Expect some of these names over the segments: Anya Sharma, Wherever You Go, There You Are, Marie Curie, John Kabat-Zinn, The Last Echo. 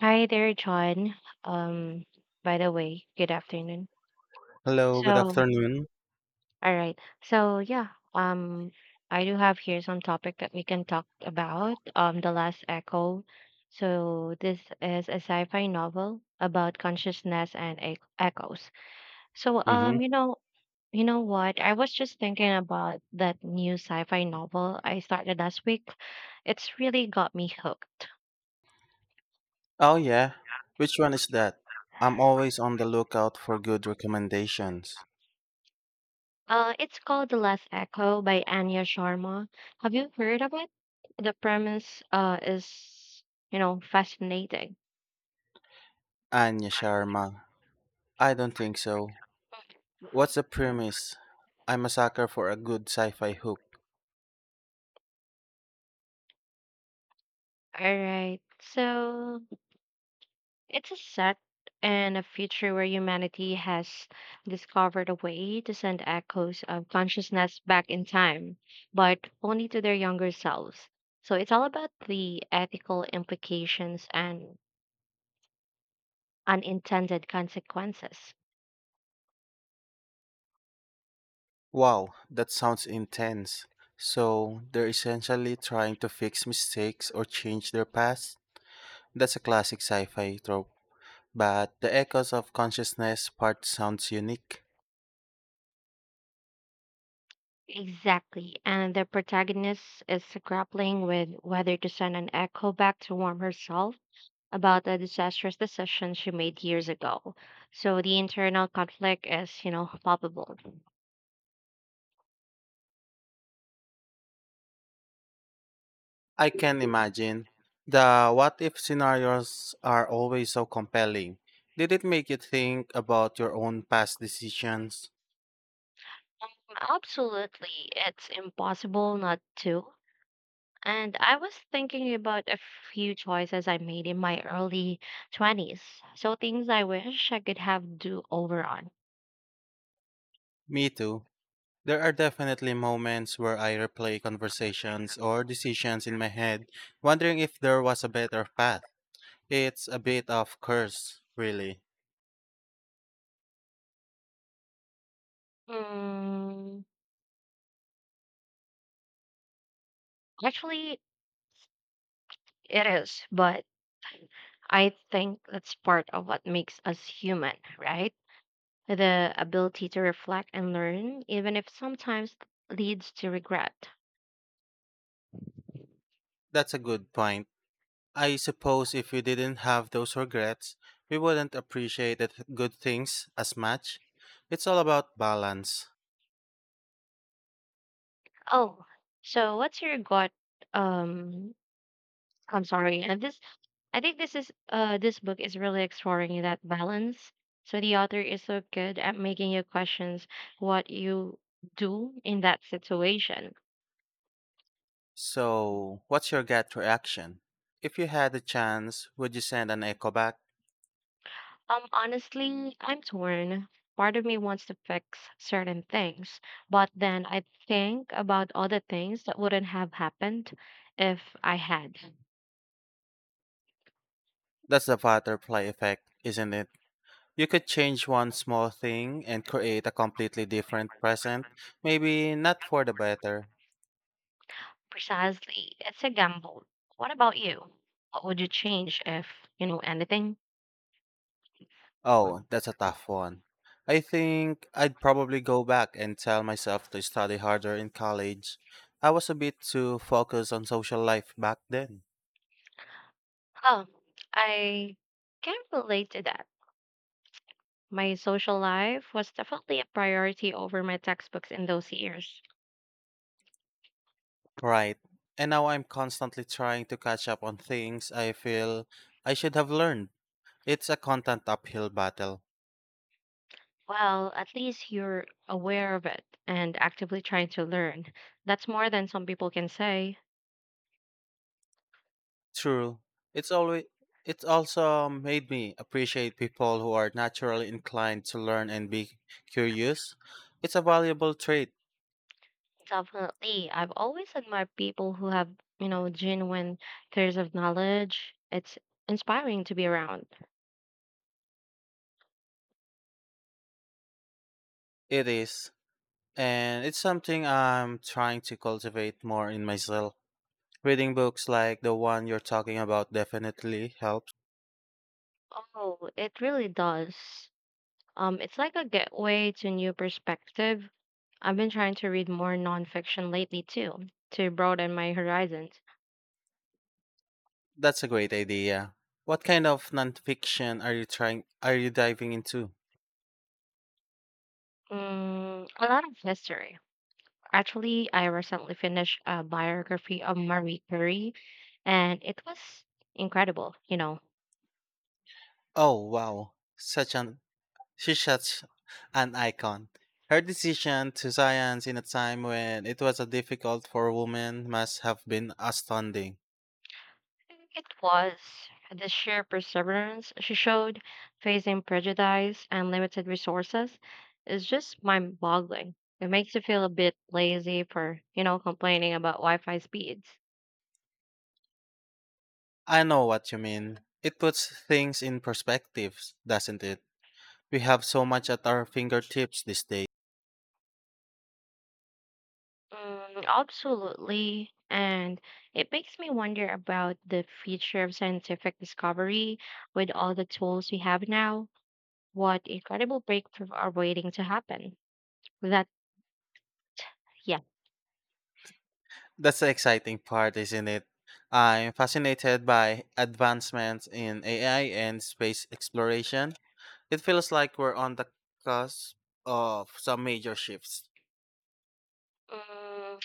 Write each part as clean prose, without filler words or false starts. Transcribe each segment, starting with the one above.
Hi there, John. Um, by the way, good afternoon. Hello, good So, afternoon. all right. So, yeah, um, I do have here some topic that we can talk about, The Last Echo. So, this is a sci-fi novel about consciousness and ec echoes. So, um, you know, you know what? I was just thinking about that new sci-fi novel I started last week. It's really got me hooked. Oh yeah, which one is that? I'm always on the lookout for good recommendations. It's called The Last Echo by Anya Sharma. Have you heard of it? The premise is, fascinating. Anya Sharma. I don't think so. What's the premise? I'm a sucker for a good sci-fi hook. All right. So it's a set in a future where humanity has discovered a way to send echoes of consciousness back in time, but only to their younger selves. So it's all about the ethical implications and unintended consequences. Wow, that sounds intense. So, they're essentially trying to fix mistakes or change their past? That's a classic sci-fi trope. But the echoes of consciousness part sounds unique. Exactly. And the protagonist is grappling with whether to send an echo back to warn herself about a disastrous decision she made years ago. So the internal conflict is, palpable. I can imagine. The what if scenarios are always so compelling. Did it make you think about your own past decisions? Absolutely. It's impossible not to. And I was thinking about a few choices I made in my early 20s. So things I wish I could have do over on. Me too. There are definitely moments where I replay conversations or decisions in my head, wondering if there was a better path. It's a bit of curse, really. Mm, Actually, it is, but I think that's part of what makes us human, right? The ability to reflect and learn, even if sometimes leads to regret. That's a good point. I suppose if we didn't have those regrets, we wouldn't appreciate the good things as much. It's all about balance. Oh, so what's your gut? Um, I'm sorry. And this, I think this is this book is really exploring that balance. So the author is so good at making you questions what you do in that situation. So, what's your gut reaction? If you had a chance, would you send an echo back? Honestly, I'm torn. Part of me wants to fix certain things, but then I think about other things that wouldn't have happened if I had. That's the butterfly effect, isn't it? You could change one small thing and create a completely different present, maybe not for the better. Precisely. It's a gamble. What about you? What would you change if, anything? Oh, that's a tough one. I think I'd probably go back and tell myself to study harder in college. I was a bit too focused on social life back then. Oh, I can't relate to that. My social life was definitely a priority over my textbooks in those years. Right. And now I'm constantly trying to catch up on things I feel I should have learned. It's a content uphill battle. Well, at least you're aware of it and actively trying to learn. That's more than some people can say. True. It's always, it's also made me appreciate people who are naturally inclined to learn and be curious. It's a valuable trait. Definitely. I've always admired people who have, genuine thirst of knowledge. It's inspiring to be around. It is. And it's something I'm trying to cultivate more in myself. Reading books like the one you're talking about definitely helps. Oh, it really does. It's like a gateway to new perspective. I've been trying to read more nonfiction lately too, to broaden my horizons. That's a great idea. What kind of nonfiction are you diving into? A lot of history. Actually, I recently finished a biography of Marie Curie, and it was incredible, Oh wow. Such an, she's such an icon. Her decision to science in a time when it was a difficult for women must have been astounding. It was the sheer perseverance she showed, facing prejudice and limited resources, is just mind boggling. It makes you feel a bit lazy for, complaining about Wi Fi speeds. I know what you mean. It puts things in perspectives, doesn't it? We have so much at our fingertips these days. Absolutely. And it makes me wonder about the future of scientific discovery with all the tools we have now. What incredible breakthrough are waiting to happen. That, yeah. That's the exciting part, isn't it? I'm fascinated by advancements in AI and space exploration. It feels like we're on the cusp of some major shifts. Mm,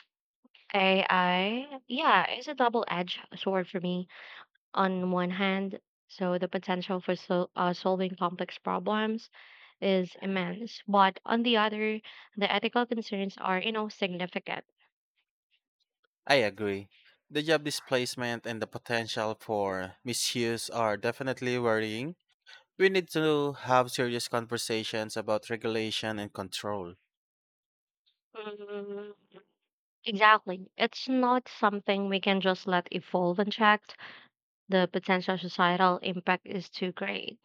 AI, yeah, it's a double-edged sword for me. On one hand, so the potential for solving complex problems is immense, but on the other, the ethical concerns are, significant. I agree. The job displacement and the potential for misuse are definitely worrying. We need to have serious conversations about regulation and control. Mm, exactly. It's not something we can just let evolve unchecked. The potential societal impact is too great.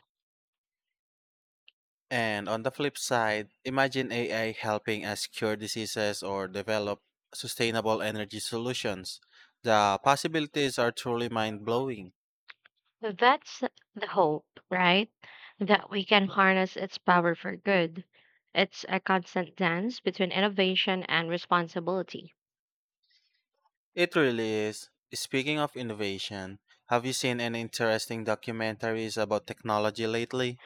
And on the flip side, imagine AI helping us cure diseases or develop sustainable energy solutions. The possibilities are truly mind blowing. So that's the hope, right? That we can harness its power for good. It's a constant dance between innovation and responsibility. It really is. Speaking of innovation, have you seen any interesting documentaries about technology lately?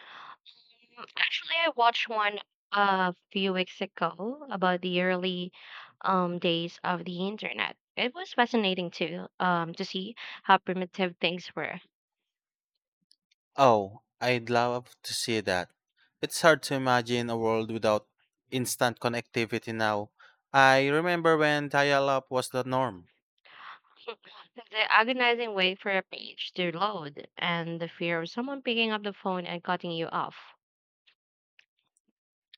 Actually, I watched one a few weeks ago about the early days of the internet. It was fascinating too to see how primitive things were. Oh, I'd love to see that. It's hard to imagine a world without instant connectivity now. I remember when dial up was the norm. The agonizing wait for a page to load and the fear of someone picking up the phone and cutting you off.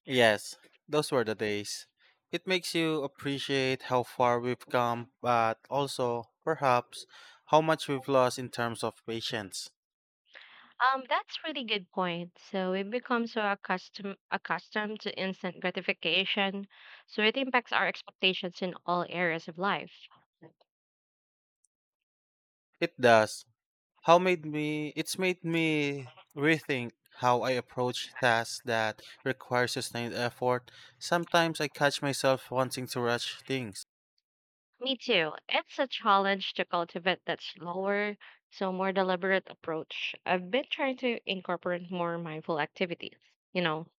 Yes, those were the days. It makes you appreciate how far we've come, but also, perhaps, how much we've lost in terms of patience. That's really good point. So we become so accustomed to instant gratification, so it impacts our expectations in all areas of life. It does. How made me It's made me rethink how I approach tasks that require sustained effort. Sometimes I catch myself wanting to rush things. Me too. It's a challenge to cultivate that slower, so more deliberate approach. I've been trying to incorporate more mindful activities. You know,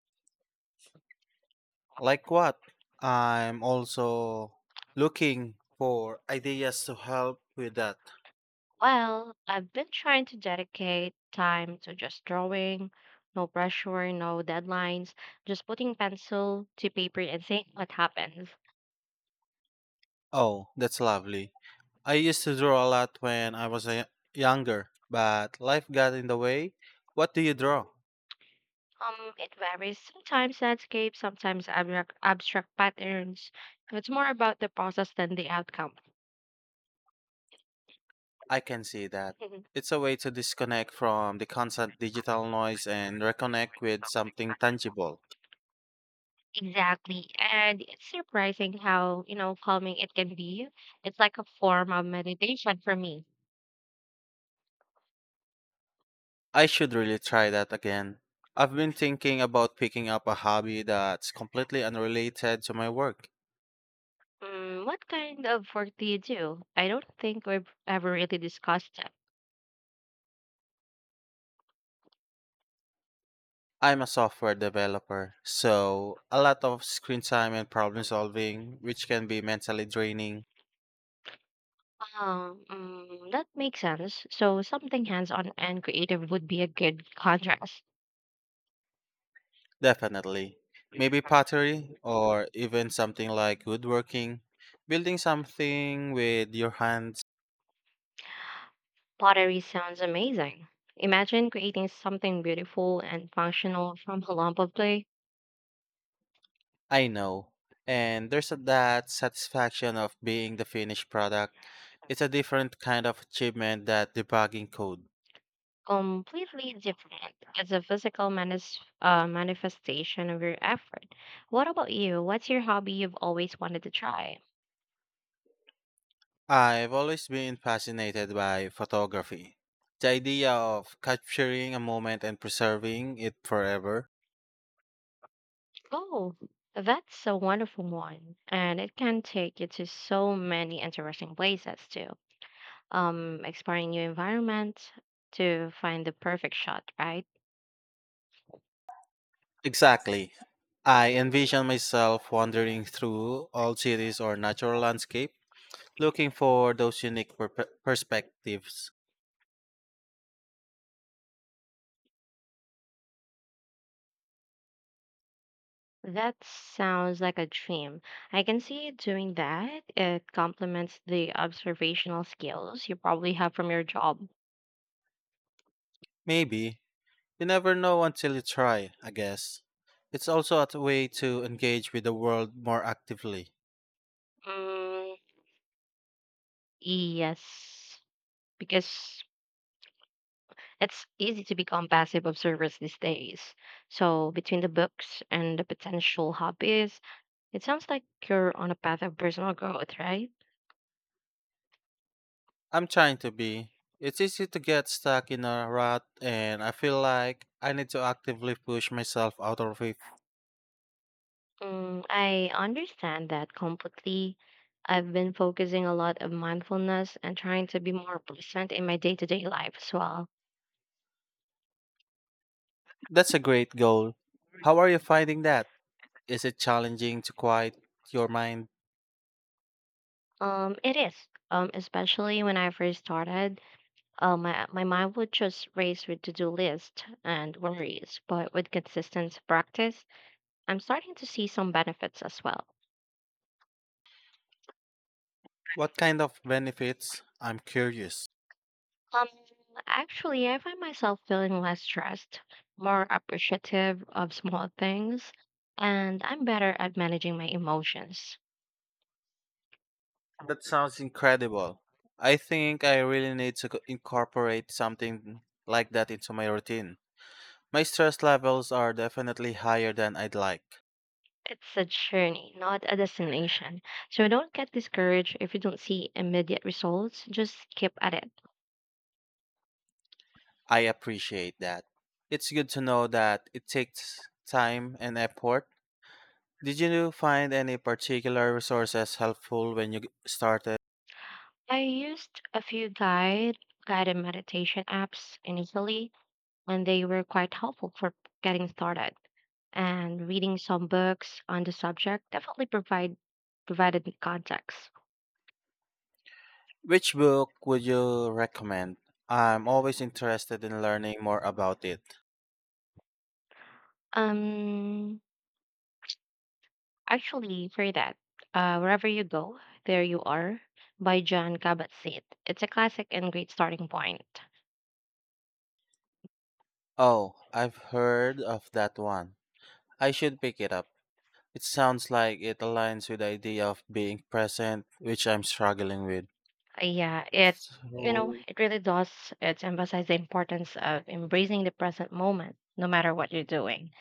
Like what? I'm also looking for ideas to help with that. well, I've been trying to dedicate time to just drawing, no pressure, no deadlines, just putting pencil to paper and seeing what happens. Oh, that's lovely. I used to draw a lot when I was a younger, but life got in the way. What do you draw? It varies. Sometimes landscapes, sometimes abstract patterns. It's more about the process than the outcome. I can see that. Mhm. It's a way to disconnect from the constant digital noise and reconnect with something tangible. Exactly. And it's surprising how, calming it can be. It's like a form of meditation for me. I should really try that again. I've been thinking about picking up a hobby that's completely unrelated to my work. What kind of work do you do? I don't think we've ever really discussed that. I'm a software developer, so a lot of screen time and problem solving, which can be mentally draining. Oh, that makes sense. So something hands-on and creative would be a good contrast. Definitely. Maybe pottery or even something like woodworking, building something with your hands. Pottery sounds amazing. Imagine creating something beautiful and functional from a lump of clay, I know. And there's that satisfaction of being the finished product. It's a different kind of achievement than debugging code. completely different as a physical manifestation of your effort. What about you? What's your hobby you've always wanted to try? I've always been fascinated by photography. The idea of capturing a moment and preserving it forever. Oh, that's a wonderful one, and it can take you to so many interesting places too. Exploring new environments to find the perfect shot, right? Exactly. I envision myself wandering through old cities or natural landscapes looking for those unique perspectives. That sounds like a dream. I can see you doing that. It complements the observational skills you probably have from your job. Maybe. You never know until you try, I guess. It's also a way to engage with the world more actively. Mm, yes, because it's easy to become passive observers these days. So, between the books and the potential hobbies, it sounds like you're on a path of personal growth, right? I'm trying to be. It's easy to get stuck in a rut, and I feel like I need to actively push myself out of it. I understand that completely. I've been focusing a lot of mindfulness and trying to be more present in my day-to-day life as well. That's a great goal. How are you finding that? Is it challenging to quiet your mind? It is. Especially when I first started, my mind would just race with to-do list and worries. But with consistent practice, I'm starting to see some benefits as well. What kind of benefits? I'm curious. Um, Actually, I find myself feeling less stressed, more appreciative of small things, and I'm better at managing my emotions. That sounds incredible. I think I really need to incorporate something like that into my routine. My stress levels are definitely higher than I'd like. It's a journey, not a destination. So don't get discouraged if you don't see immediate results. Just keep at it. I appreciate that. It's good to know that it takes time and effort. Did you find any particular resources helpful when you started? I used a few guided meditation apps initially, and they were quite helpful for getting started. And reading some books on the subject definitely provided me context. Which book would you recommend? I'm always interested in learning more about it. Um, Actually, for that, Wherever You Go, There You Are by John Kabat-Zinn. It's a classic and great starting point. Oh, I've heard of that one. I should pick it up. It sounds like it aligns with the idea of being present, which I'm struggling with. Yeah, it you know So, it really does. It's emphasizes the importance of embracing the present moment, no matter what you're doing.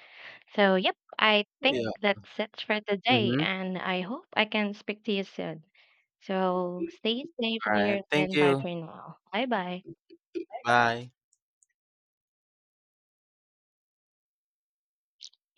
So, yep, I think yeah. that's it for today, Mm-hmm. and I hope I can speak to you soon. So, stay safe All right. there, Thank and bye you. for now. Bye bye. Bye.